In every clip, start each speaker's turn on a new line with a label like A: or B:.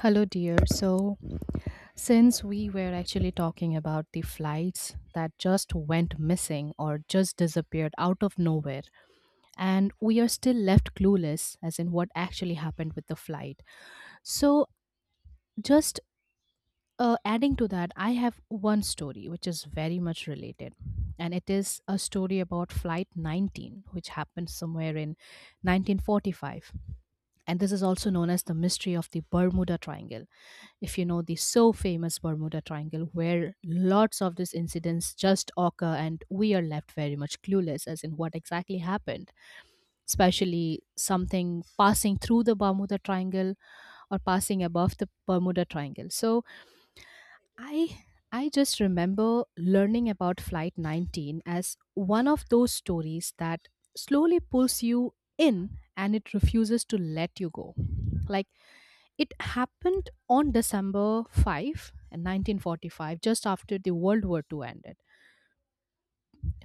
A: Hello, dear. So, since we were actually talking about the flights that just went missing or just disappeared out of nowhere, and we are still left clueless as in what actually happened with the flight. So, just adding to that, I have one story which is very much related, and it is a story about Flight 19, which happened somewhere in 1945, and this is also known as the mystery of the Bermuda Triangle if you know the so famous Bermuda Triangle, where lots of these incidents just occur and we are left very much clueless as in what exactly happened, especially something passing through the Bermuda Triangle or passing above the Bermuda Triangle. So I I just remember learning about Flight 19 as one of those stories that slowly pulls you in and it refuses to let you go. Like it happened on December 5, 1945, just after the World War Two ended.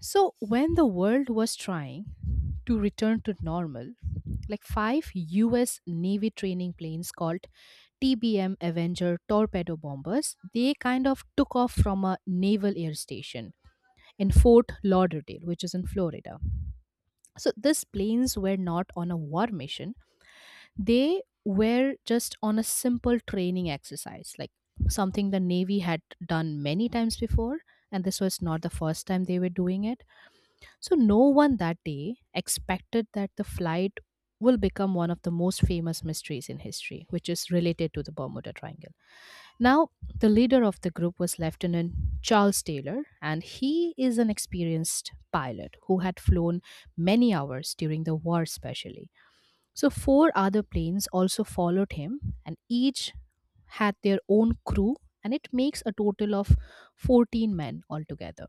A: So, when the world was trying to return to normal, like five US Navy training planes called TBM Avenger torpedo bombers, they kind of took off from a naval air station in Fort Lauderdale, which is in Florida. So, these planes were not on a war mission, they were just on a simple training exercise, like something the Navy had done many times before, and this was not the first time they were doing it. So, no one that day expected that the flight will become one of the most famous mysteries in history, which is related to the Bermuda Triangle. Now, the leader of the group was Lieutenant Charles Taylor, and he is an experienced pilot who had flown many hours during the war, especially. So, four other planes also followed him, and each had their own crew, and it makes a total of 14 men altogether.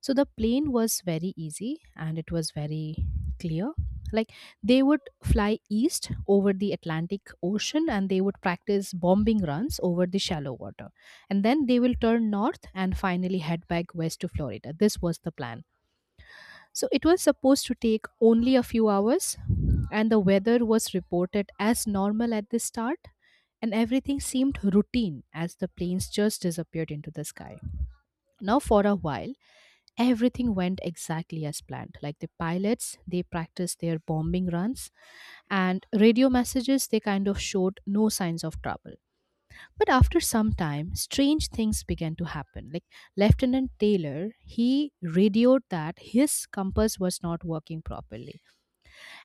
A: So, the plane was very easy and it was very clear. Like, they would fly east over the Atlantic Ocean and they would practice bombing runs over the shallow water. And then they will turn north and finally head back west to Florida. This was the plan. So it was supposed to take only a few hours, and the weather was reported as normal at the start, and everything seemed routine as the planes just disappeared into the sky. Now, for a while, everything went exactly as planned. Like the pilots, they practiced their bombing runs, and radio messages, they kind of showed no signs of trouble. But after some time, strange things began to happen. Like Lieutenant Taylor, he radioed that his compass was not working properly.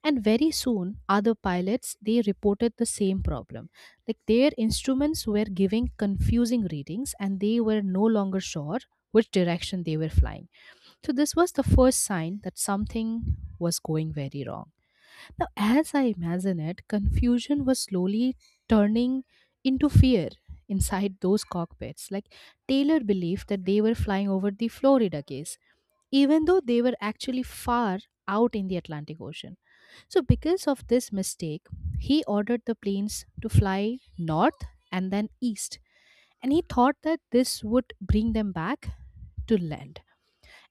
A: And very soon, other pilots, they reported the same problem. Like their instruments were giving confusing readings and they were no longer sure which direction they were flying. So this was the first sign that something was going very wrong. Now, as I imagine it, confusion was slowly turning into fear inside those cockpits. Like Taylor believed that they were flying over the Florida case, even though they were actually far out in the Atlantic Ocean. So, because of this mistake, he ordered the planes to fly north and then east. And he thought that this would bring them back to land.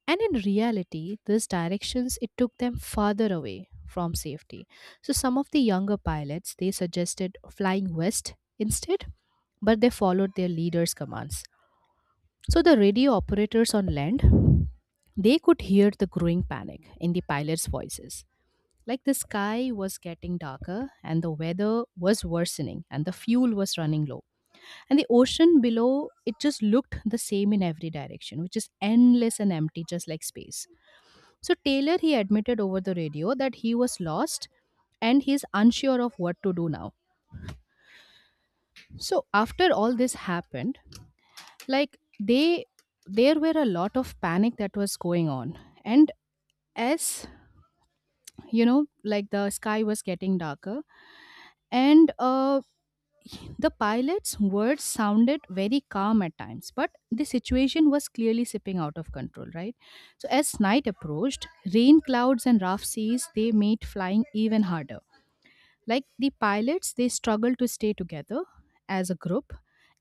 A: And in reality, these directions it took them farther away from safety. So some of the younger pilots they suggested flying west instead, but they followed their leader's commands. So the radio operators on land they could hear the growing panic in the pilots' voices. Like the sky was getting darker and the weather was worsening and the fuel was running low. And the ocean below, it just looked the same in every direction, which is endless and empty, just like space. So Taylor, he admitted over the radio that he was lost and he's unsure of what to do now. So after all this happened, like they there were a lot of panic that was going on. And as you know, like the sky was getting darker and the pilot's words sounded very calm at times, but the situation was clearly slipping out of control, right? So as night approached, rain clouds and rough seas they made flying even harder. Like the pilots, they struggled to stay together as a group,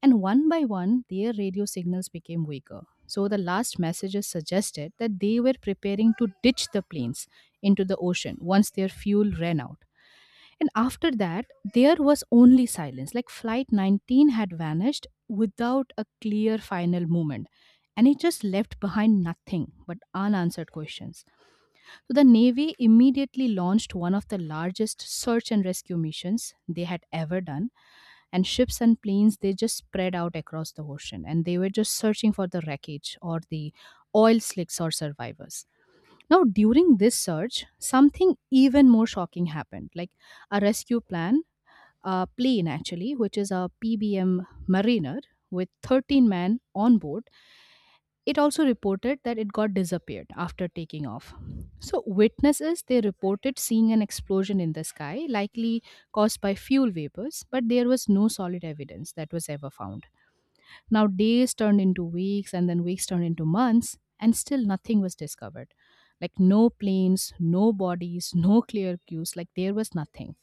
A: and one by one, their radio signals became weaker. So the last messages suggested that they were preparing to ditch the planes into the ocean once their fuel ran out. And after that, there was only silence. Like Flight 19 had vanished without a clear final movement. And it just left behind nothing but unanswered questions. So the Navy immediately launched one of the largest search and rescue missions they had ever done. And ships and planes, they just spread out across the ocean and they were just searching for the wreckage or the oil slicks or survivors. Now, during this search, something even more shocking happened like a rescue plan, a plane actually, which is a PBM Mariner with 13 men on board, it also reported that it got disappeared after taking off. So, witnesses they reported seeing an explosion in the sky, likely caused by fuel vapors, but there was no solid evidence that was ever found. Now, days turned into weeks, and then weeks turned into months, and still nothing was discovered. Like, no planes, no bodies, no clear cues, like, there was nothing.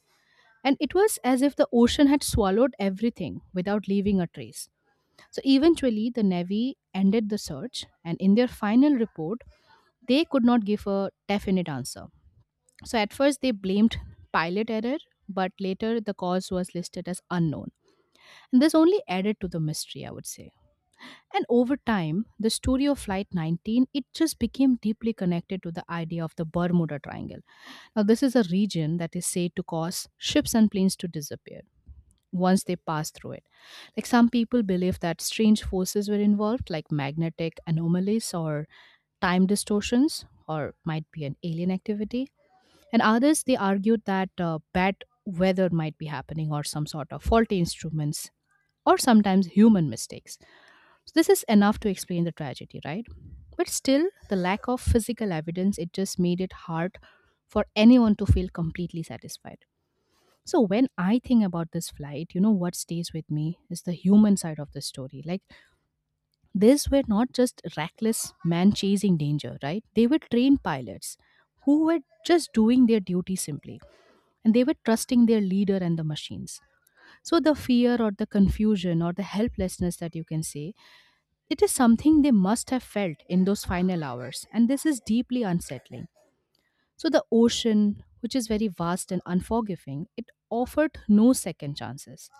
A: And it was as if the ocean had swallowed everything without leaving a trace. So eventually, the Navy ended the search, and in their final report, they could not give a definite answer. So at first, they blamed pilot error, but later the cause was listed as unknown. And this only added to the mystery, I would say. And over time, the story of Flight 19 it just became deeply connected to the idea of the Bermuda Triangle. Now, this is a region that is said to cause ships and planes to disappear once they pass through it. Like some people believe that strange forces were involved, like magnetic anomalies or time distortions, or might be an alien activity. And others, they argued that bad weather might be happening, or some sort of faulty instruments, or sometimes human mistakes. So this is enough to explain the tragedy, right? But still, the lack of physical evidence it just made it hard for anyone to feel completely satisfied. So when I think about this flight, you know what stays with me is the human side of the story. Like these were not just reckless man chasing danger, right? They were trained pilots who were just doing their duty simply and they were trusting their leader and the machines. So the fear or the confusion or the helplessness that you can say, it is something they must have felt in those final hours and this is deeply unsettling. So the ocean, which is very vast and unforgiving, it offered no second chances.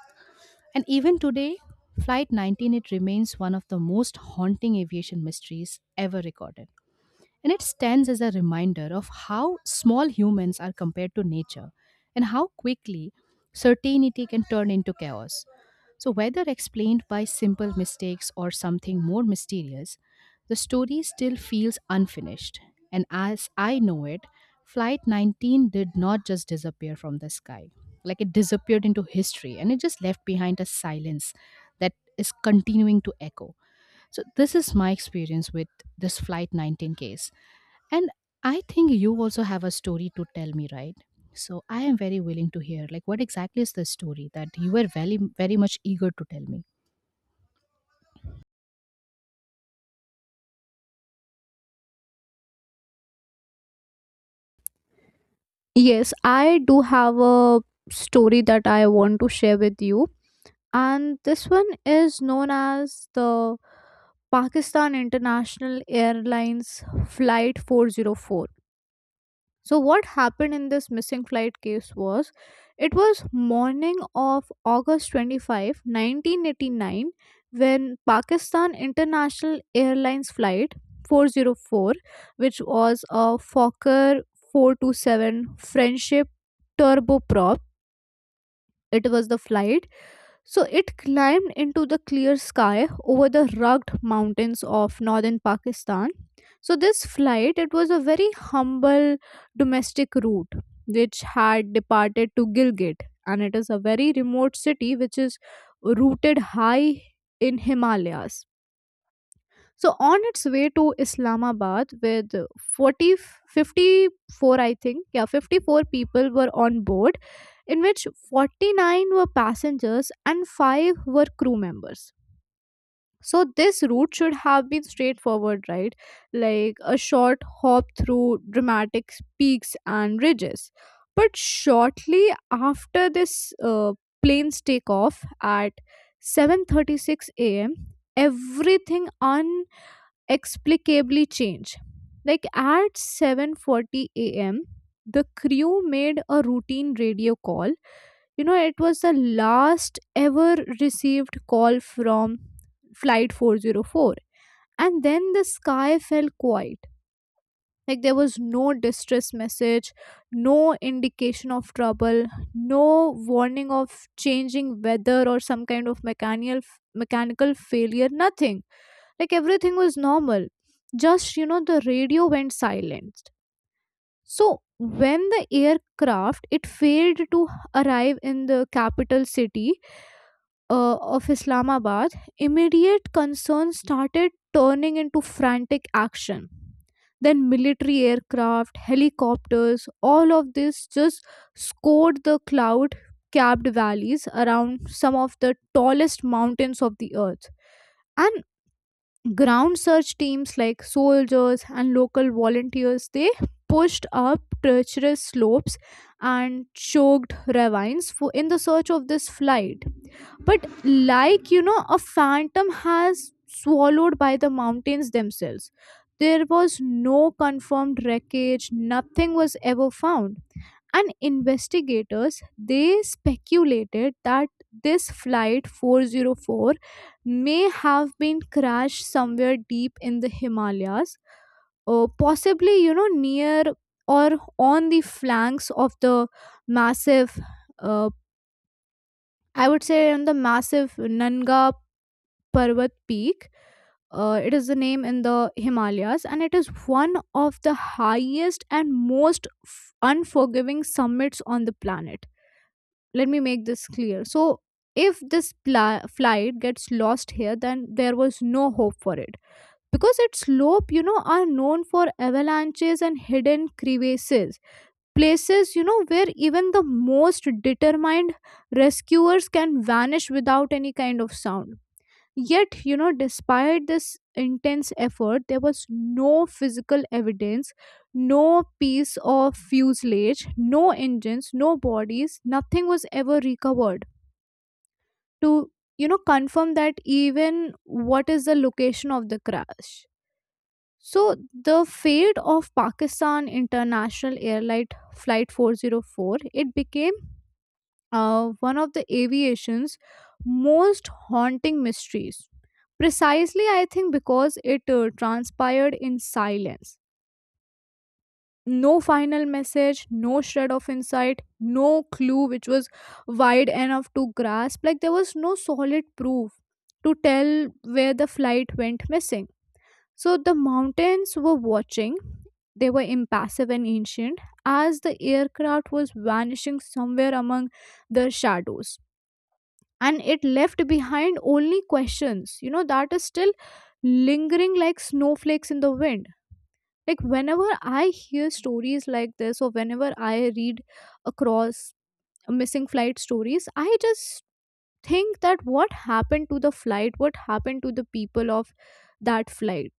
A: And even today, Flight 19 it remains one of the most haunting aviation mysteries ever recorded. And it stands as a reminder of how small humans are compared to nature and how quickly certainty can turn into chaos. So, whether explained by simple mistakes or something more mysterious, the story still feels unfinished. And as I know it, Flight 19 did not just disappear from the sky. Like it disappeared into history and it just left behind a silence that is continuing to echo. So, this is my experience with this Flight 19 case. And I think you also have a story to tell me, right? So I am very willing to hear. Like, what exactly is the story that you were very, very much eager to tell me?
B: Yes, I do have a story that I want to share with you. And this one is known as the Pakistan International Airlines Flight 404. So what happened in this missing flight case was, it was morning of August 25, 1989, when Pakistan International Airlines flight 404, which was a Fokker 427 Friendship turboprop, it was the flight, so it climbed into the clear sky over the rugged mountains of northern Pakistan. So this flight, it was a very humble domestic route, which had departed to Gilgit, and it is a very remote city which is rooted high in Himalayas. So on its way to Islamabad with forty fifty four, I think, yeah, 54 people were on board, in which 49 were passengers and 5 were crew members. So this route should have been straightforward, right? Like a short hop through dramatic peaks and ridges. But shortly after this plane's takeoff at 7:36 a.m., everything explicably change. Like at 7:40 a.m., the crew made a routine radio call. It was the last ever received call from flight 404. And then the sky fell quiet. Like there was no distress message, no indication of trouble, no warning of changing weather or some kind of mechanical failure, nothing. Like everything was normal. Just the radio went silent. So when the aircraft it failed to arrive in the capital city of Islamabad, immediate concern started turning into frantic action. Then military aircraft, helicopters, all of this just scored the cloud capped valleys around some of the tallest mountains of the earth. And ground search teams like soldiers and local volunteers, they pushed up treacherous slopes and choked ravines for in the search of this flight, but like a phantom has swallowed by the mountains themselves. There was no confirmed wreckage, nothing was ever found, and investigators, they speculated that this flight 404 may have been crashed somewhere deep in the Himalayas, possibly near or on the flanks of the massive uh, I would say on the massive Nanga Parvat Peak. It is the name in the Himalayas, and it is one of the highest and most unforgiving summits on the planet. Let me make this clear. So, if this flight gets lost here, then there was no hope for it because its slope, you know, are known for avalanches and hidden crevices, places, you know, where even the most determined rescuers can vanish without any kind of sound. Yet, despite this intense effort, there was no physical evidence, no piece of fuselage, no engines, no bodies, nothing was ever recovered to, confirm that even what is the location of the crash. So, the fate of Pakistan International Airlight Flight 404, it became one of the aviation's most haunting mysteries. Precisely, I think, because it transpired in silence. No final message, no shred of insight, no clue which was wide enough to grasp. Like, there was no solid proof to tell where the flight went missing. So, the mountains were watching. They were impassive and ancient as the aircraft was vanishing somewhere among the shadows, and it left behind only questions, that is still lingering like snowflakes in the wind. Like, whenever I hear stories like this, or whenever I read across missing flight stories, I just think that what happened to the flight, what happened to the people of that flight,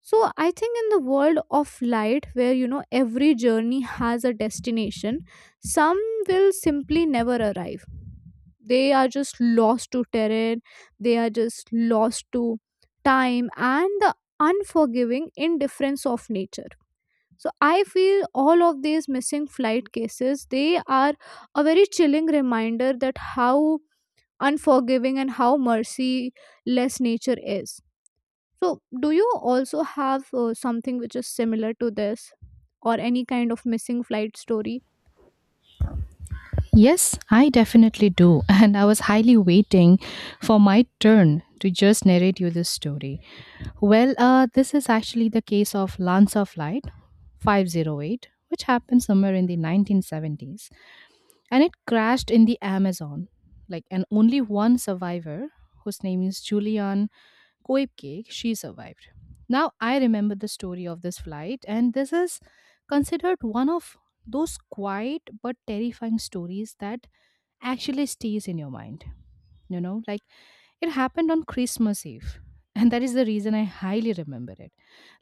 B: so I think in the world of light, where every journey has a destination, some will simply never arrive. They are just lost to terrain, they are just lost to time and the unforgiving indifference of nature. So I feel all of these missing flight cases, they are a very chilling reminder that how unforgiving and how merciless nature is. So, do you also have something which is similar to this or any kind of missing flight story?
A: Yes, I definitely do. And I was highly waiting for my turn to just narrate you this story. Well, this is actually the case of Lancer Flight 508, which happened somewhere in the 1970s. And it crashed in the Amazon. Like, and only one survivor, whose name is Julian Coib cake, she survived. Now I remember the story of this flight, and this is considered one of those quiet but terrifying stories that actually stays in your mind. You know, like it happened on Christmas Eve, and that is the reason I highly remember it.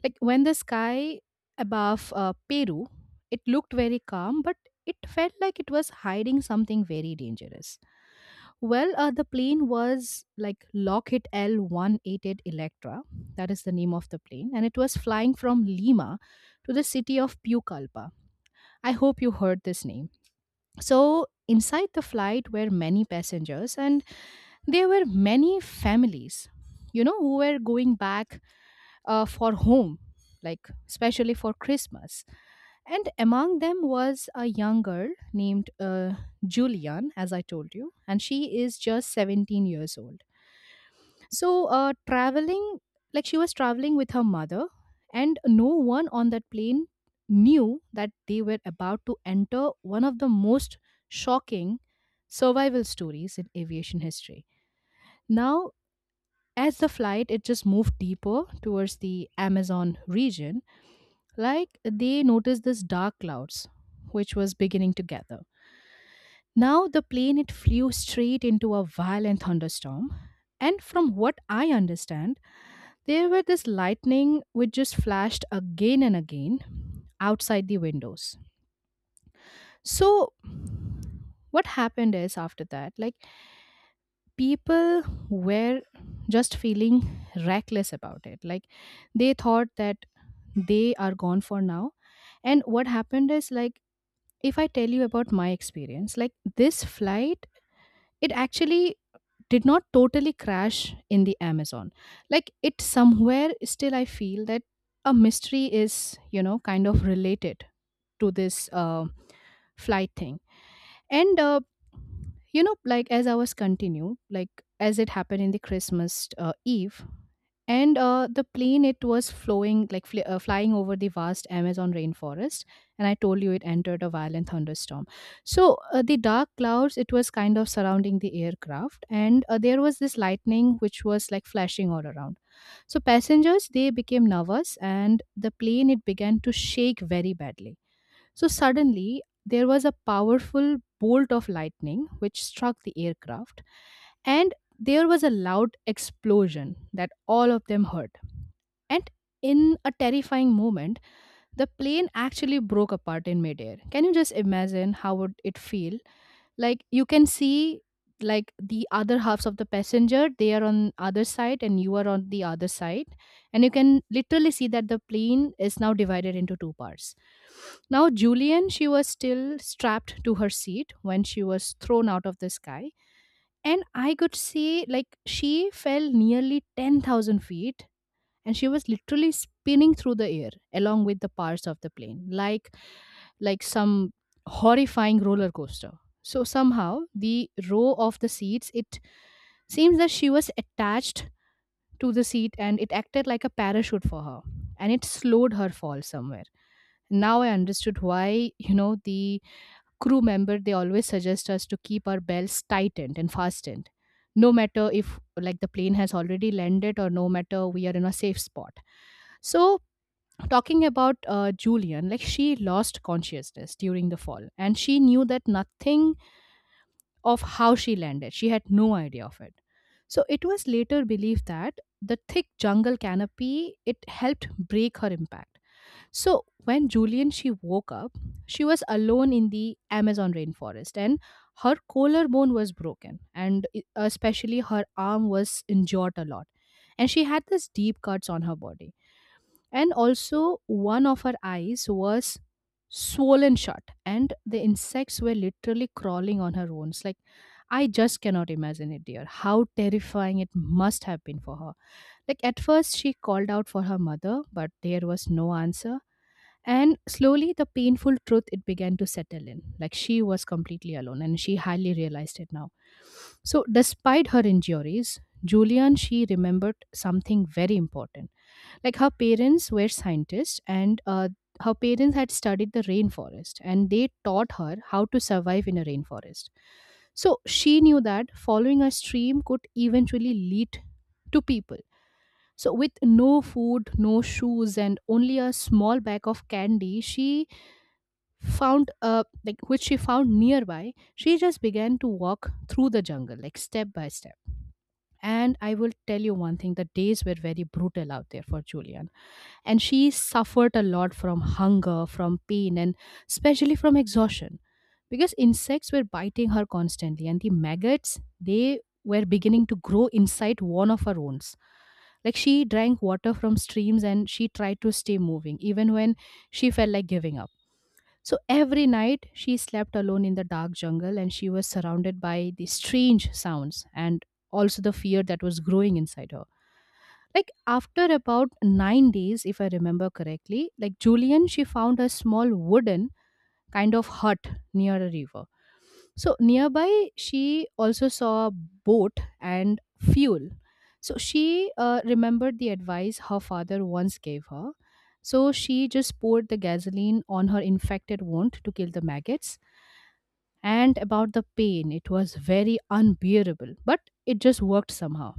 A: Like when the sky above Peru, it looked very calm, but it felt like it was hiding something very dangerous. Well, the plane was like Lockheed L188 Electra. That is the name of the plane. And it was flying from Lima to the city of Pucallpa. I hope you heard this name. So, inside the flight were many passengers, and there were many families, you know, who were going back for home, like especially for Christmas. And among them was a young girl named Julian, as I told you, and she is just 17 years old. So, like she was traveling with her mother, and no one on that plane knew that they were about to enter one of the most shocking survival stories in aviation history. Now, as the flight it just moved deeper towards the Amazon region, like they noticed this dark clouds which was beginning to gather. Now the plane it flew straight into a violent thunderstorm and from what I understand there were this lightning which just flashed again and again outside the windows. So, what happened is after that, like people were just feeling reckless about it. Like they thought that they are gone for now. And what happened is, like, if I tell you about my experience, like this flight, it actually did not totally crash in the Amazon. Like it somewhere still I feel that a mystery is, kind of related to this flight thing. And like as I was continue, like as it happened in the Christmas Eve, and the plane it was flowing like flying over the vast Amazon rainforest, and I told you it entered a violent thunderstorm. So the dark clouds it was kind of surrounding the aircraft, and there was this lightning which was like flashing all around. So passengers they became nervous and the plane it began to shake very badly. So suddenly there was a powerful bolt of lightning which struck the aircraft, and there was a loud explosion that all of them heard. And in a terrifying moment, the plane actually broke apart in midair. Can you just imagine how would it feel? Like you can see like the other halves of the passenger, they are on other side and you are on the other side. And you can literally see that the plane is now divided into two parts. Now Julian, she was still strapped to her seat when she was thrown out of the sky. And I could see like she fell nearly 10,000 feet, and she was literally spinning through the air along with the parts of the plane, like some horrifying roller coaster. So somehow the row of the seats, it seems that she was attached to the seat and it acted like a parachute for her, and it slowed her fall somewhere. Now I understood why the crew member they always suggest us to keep our belts tightened and fastened, no matter if like the plane has already landed or no matter we are in a safe spot. So talking about Julian, like she lost consciousness during the fall, and she knew that nothing of how she landed. She had no idea of it. So it was later believed that the thick jungle canopy, it helped break her impact. So, when Julian she woke up, she was alone in the Amazon rainforest, and her collarbone was broken, and especially her arm was injured a lot. And she had these deep cuts on her body. And also one of her eyes was swollen shut, and the insects were literally crawling on her wounds. Like I just cannot imagine it, dear. How terrifying it must have been for her. Like at first she called out for her mother, but there was no answer. And slowly, the painful truth it began to settle in. Like she was completely alone, and she hardly realized it now. So, despite her injuries, Julian she remembered something very important. Like her parents were scientists, and her parents had studied the rainforest, and they taught her how to survive in a rainforest. So she knew that following a stream could eventually lead to people. So, with no food, no shoes, and only a small bag of candy, she found like which she found nearby, she just began to walk through the jungle, like step by step. And I will tell you one thing, the days were very brutal out there for Julian, and she suffered a lot from hunger, from pain, and especially from exhaustion, because insects were biting her constantly and the maggots they were beginning to grow inside one of her wounds. Like she drank water from streams, and she tried to stay moving even when she felt like giving up. So every night she slept alone in the dark jungle, and she was surrounded by the strange sounds and also the fear that was growing inside her. Like after about 9 days if I remember correctly, like Julian she found a small wooden kind of hut near a river. So nearby, she also saw a boat and fuel. So she remembered the advice her father once gave her. So she just poured the gasoline on her infected wound to kill the maggots. And about the pain, it was very unbearable, but it just worked somehow.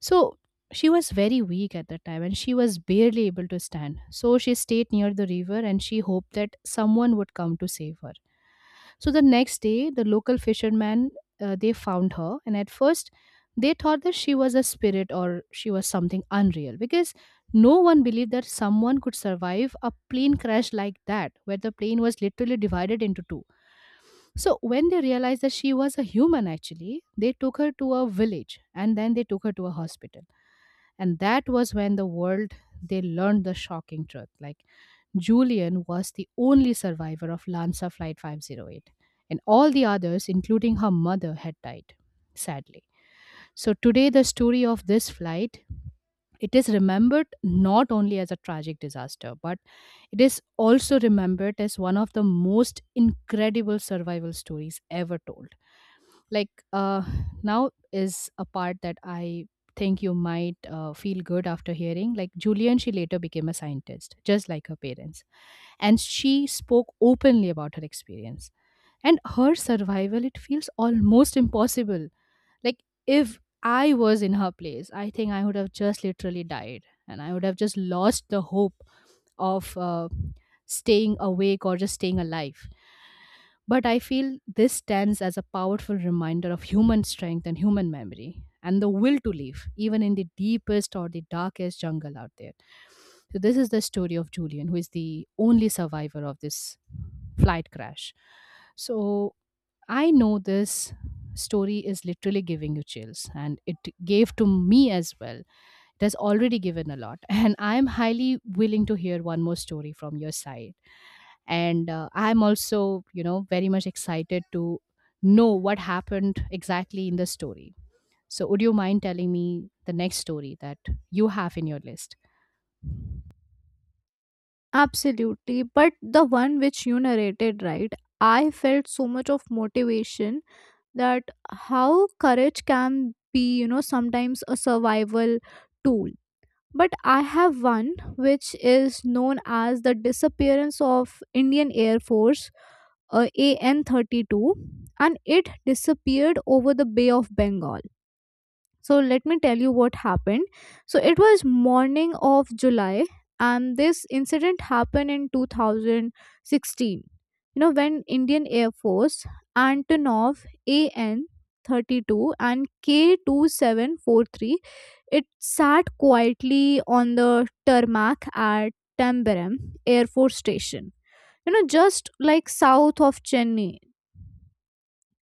A: So she was very weak at the time and she was barely able to stand. So she stayed near the river and she hoped that someone would come to save her. So the next day, the local fishermen they found her, and at first they thought that she was a spirit or she was something unreal, because no one believed that someone could survive a plane crash like that, where the plane was literally divided into two. So when they realized that she was a human actually, they took her to a village and then they took her to a hospital. And that was when the world they learned the shocking truth. Like Julian was the only survivor of Lanza Flight 508, and all the others, including her mother, had died, sadly. So today the story of this flight, it is remembered not only as a tragic disaster, but it is also remembered as one of the most incredible survival stories ever told. Like, now is a part that I think you might feel good after hearing. Like, Julian, she later became a scientist, just like her parents. And she spoke openly about her experience. And her survival, it feels almost impossible. Like, if I was in her place, I think I would have just literally died and I would have just lost the hope of staying awake or just staying alive. But I feel this stands as a powerful reminder of human strength and human memory and the will to live, even in the deepest or the darkest jungle out there. So, this is the story of Julian, who is the only survivor of this flight crash. So, I know this story is literally giving you chills, and it gave to me as well. That's already given a lot. And I'm highly willing to hear one more story from your side. And I'm also, very much excited to know what happened exactly in the story. So, would you mind telling me the next story that you have in your list?
B: Absolutely. But the one which you narrated, right? I felt so much of motivation that how courage can be, sometimes a survival tool. But I have one which is known as the disappearance of Indian Air Force AN 32, and it disappeared over the Bay of Bengal. So let me tell you what happened. So it was morning of July, and this incident happened in 2016. When Indian Air Force Antonov AN 32 and K2743 it sat quietly on the tarmac at Tambaram Air Force Station. Just like south of Chennai.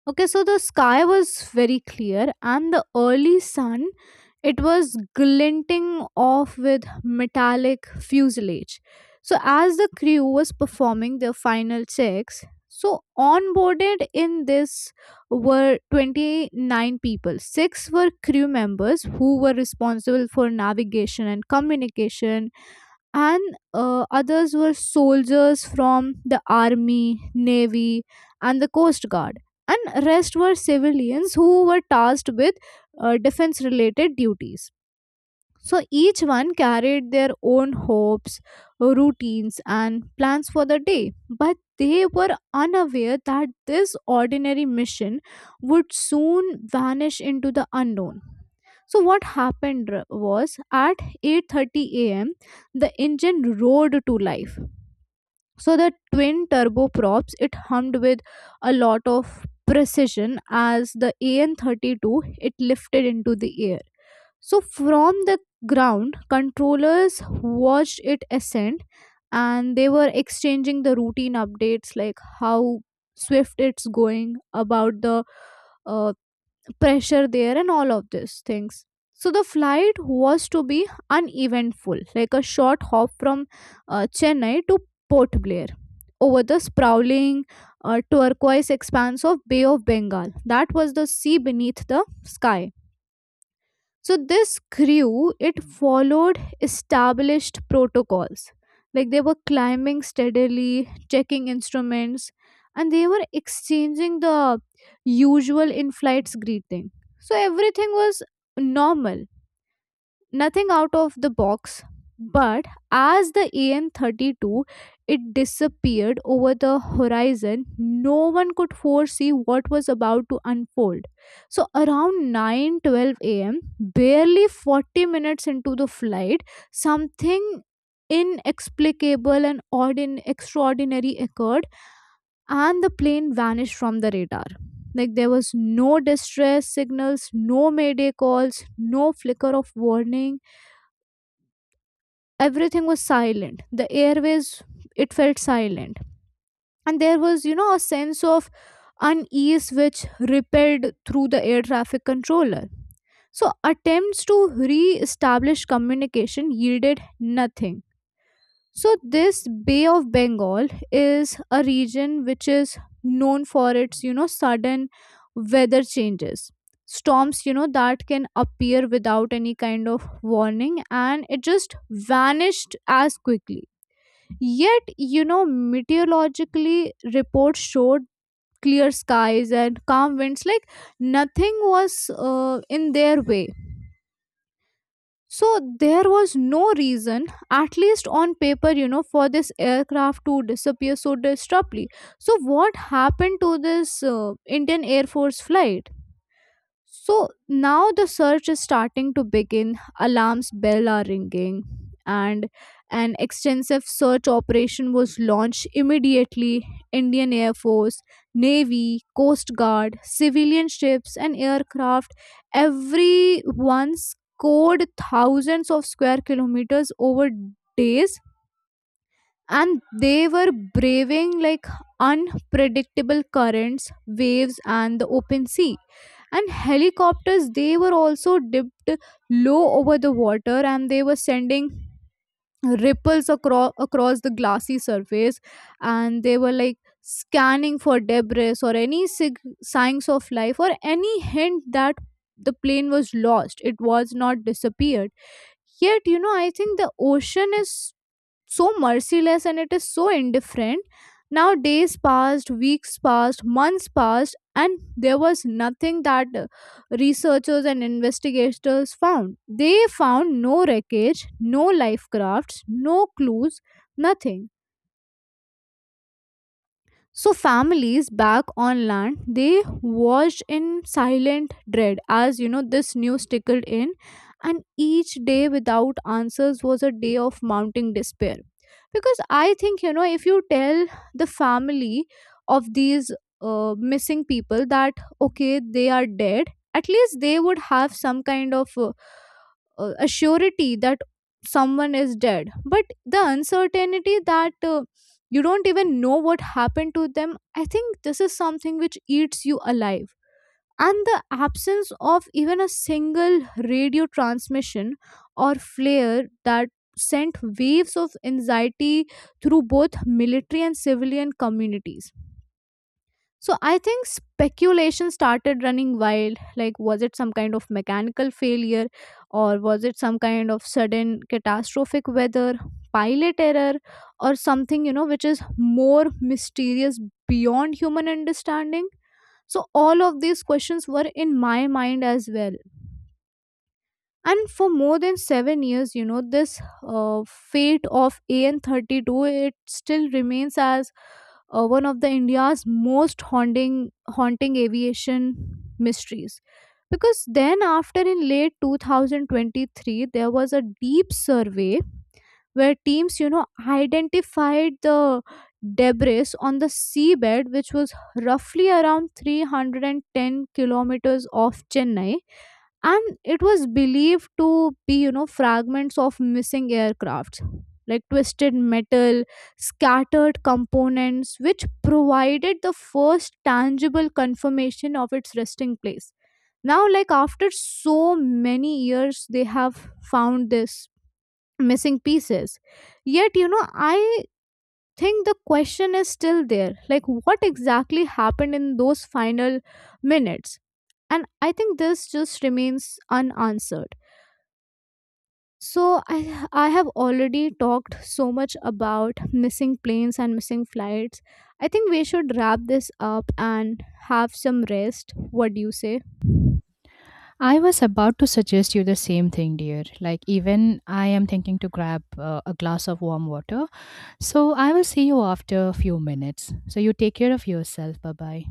B: Okay, so the sky was very clear, and the early sun it was glinting off with metallic fuselage. So as the crew was performing their final checks, so onboarded in this were 29 people. Six were crew members who were responsible for navigation and communication, and others were soldiers from the army, navy, and the coast guard, and rest were civilians who were tasked with defense related duties. So each one carried their own hopes, routines, and plans for the day, but they were unaware that this ordinary mission would soon vanish into the unknown. So what happened was at 8:30 a.m. the engine roared to life. So the twin turboprops it hummed with a lot of precision as the AN32 it lifted into the air. So from the ground, controllers watched it ascend, and they were exchanging the routine updates, like how swift it's going, about the uh, pressure there, and all of these things. So the flight was to be uneventful, like a short hop from Chennai to Port Blair over the sprawling turquoise expanse of Bay of Bengal. That was the sea beneath the sky. So this grew, it followed established protocols. Like they were climbing steadily, checking instruments, and they were exchanging the usual in flights greeting. So everything was normal, nothing out of the box. But as the AM32 it disappeared over the horizon, no one could foresee what was about to unfold. So around 9:12 a.m., barely 40 minutes into the flight, something inexplicable and extraordinary occurred, and the plane vanished from the radar. Like there was no distress signals, no mayday calls, no flicker of warning. Everything was silent, the airways it felt silent, and there was a sense of unease which rippled through the air traffic controller. So attempts to re-establish communication yielded nothing. So, this Bay of Bengal is a region which is known for its, sudden weather changes. Storms, that can appear without any kind of warning and it just vanished as quickly. Yet, meteorologically, reports showed clear skies and calm winds, like nothing was in their way, so there was no reason, at least on paper, for this aircraft to disappear so disruptly. So what happened to this Indian Air Force flight? So now the search is starting to begin. Alarms bell are ringing, and an extensive search operation was launched immediately. Indian Air Force, Navy, Coast Guard, civilian ships, and aircraft. Everyone scored thousands of square kilometers over days, and they were braving like unpredictable currents, waves, and the open sea. And helicopters, they were also dipped low over the water, and they were sending ripples across the glassy surface, and they were like scanning for debris or any signs of life or any hint that the plane was lost, it was not disappeared. Yet I think the ocean is so merciless and it is so indifferent. Now, days passed, weeks passed, months passed, and there was nothing that researchers and investigators found. They found no wreckage, no life crafts, no clues, nothing. So families back on land, they watched in silent dread as this news tickled in, and each day without answers was a day of mounting despair. Because I think if you tell the family of these missing people that okay they are dead, at least they would have some kind of assurity that someone is dead. But the uncertainty that you don't even know what happened to them. I think this is something which eats you alive. And the absence of even a single radio transmission or flare that sent waves of anxiety through both military and civilian communities. So I think speculation started running wild. Like, was it some kind of mechanical failure, or was it some kind of sudden catastrophic weather, pilot error, or something, you know, which is more mysterious beyond human understanding? So all of these questions were in my mind as well, and for more than 7 years this fate of AN32 it still remains as one of the India's most haunting aviation mysteries. Because then after in late 2023 there was a deep survey where teams identified the debris on the seabed which was roughly around 310 kilometers off Chennai, and it was believed to be fragments of missing aircrafts, like twisted metal, scattered components, which provided the first tangible confirmation of its resting place. Now, like after so many years, they have found this missing pieces. Yet I think the question is still there, like what exactly happened in those final minutes, and I think this just remains unanswered. So I have already talked so much about missing planes and missing flights. I think we should wrap this up and have some rest. What do you say?
A: I was about to suggest you the same thing, dear. Like, even I am thinking to grab a glass of warm water. So, I will see you after a few minutes. So, you take care of yourself. Bye bye.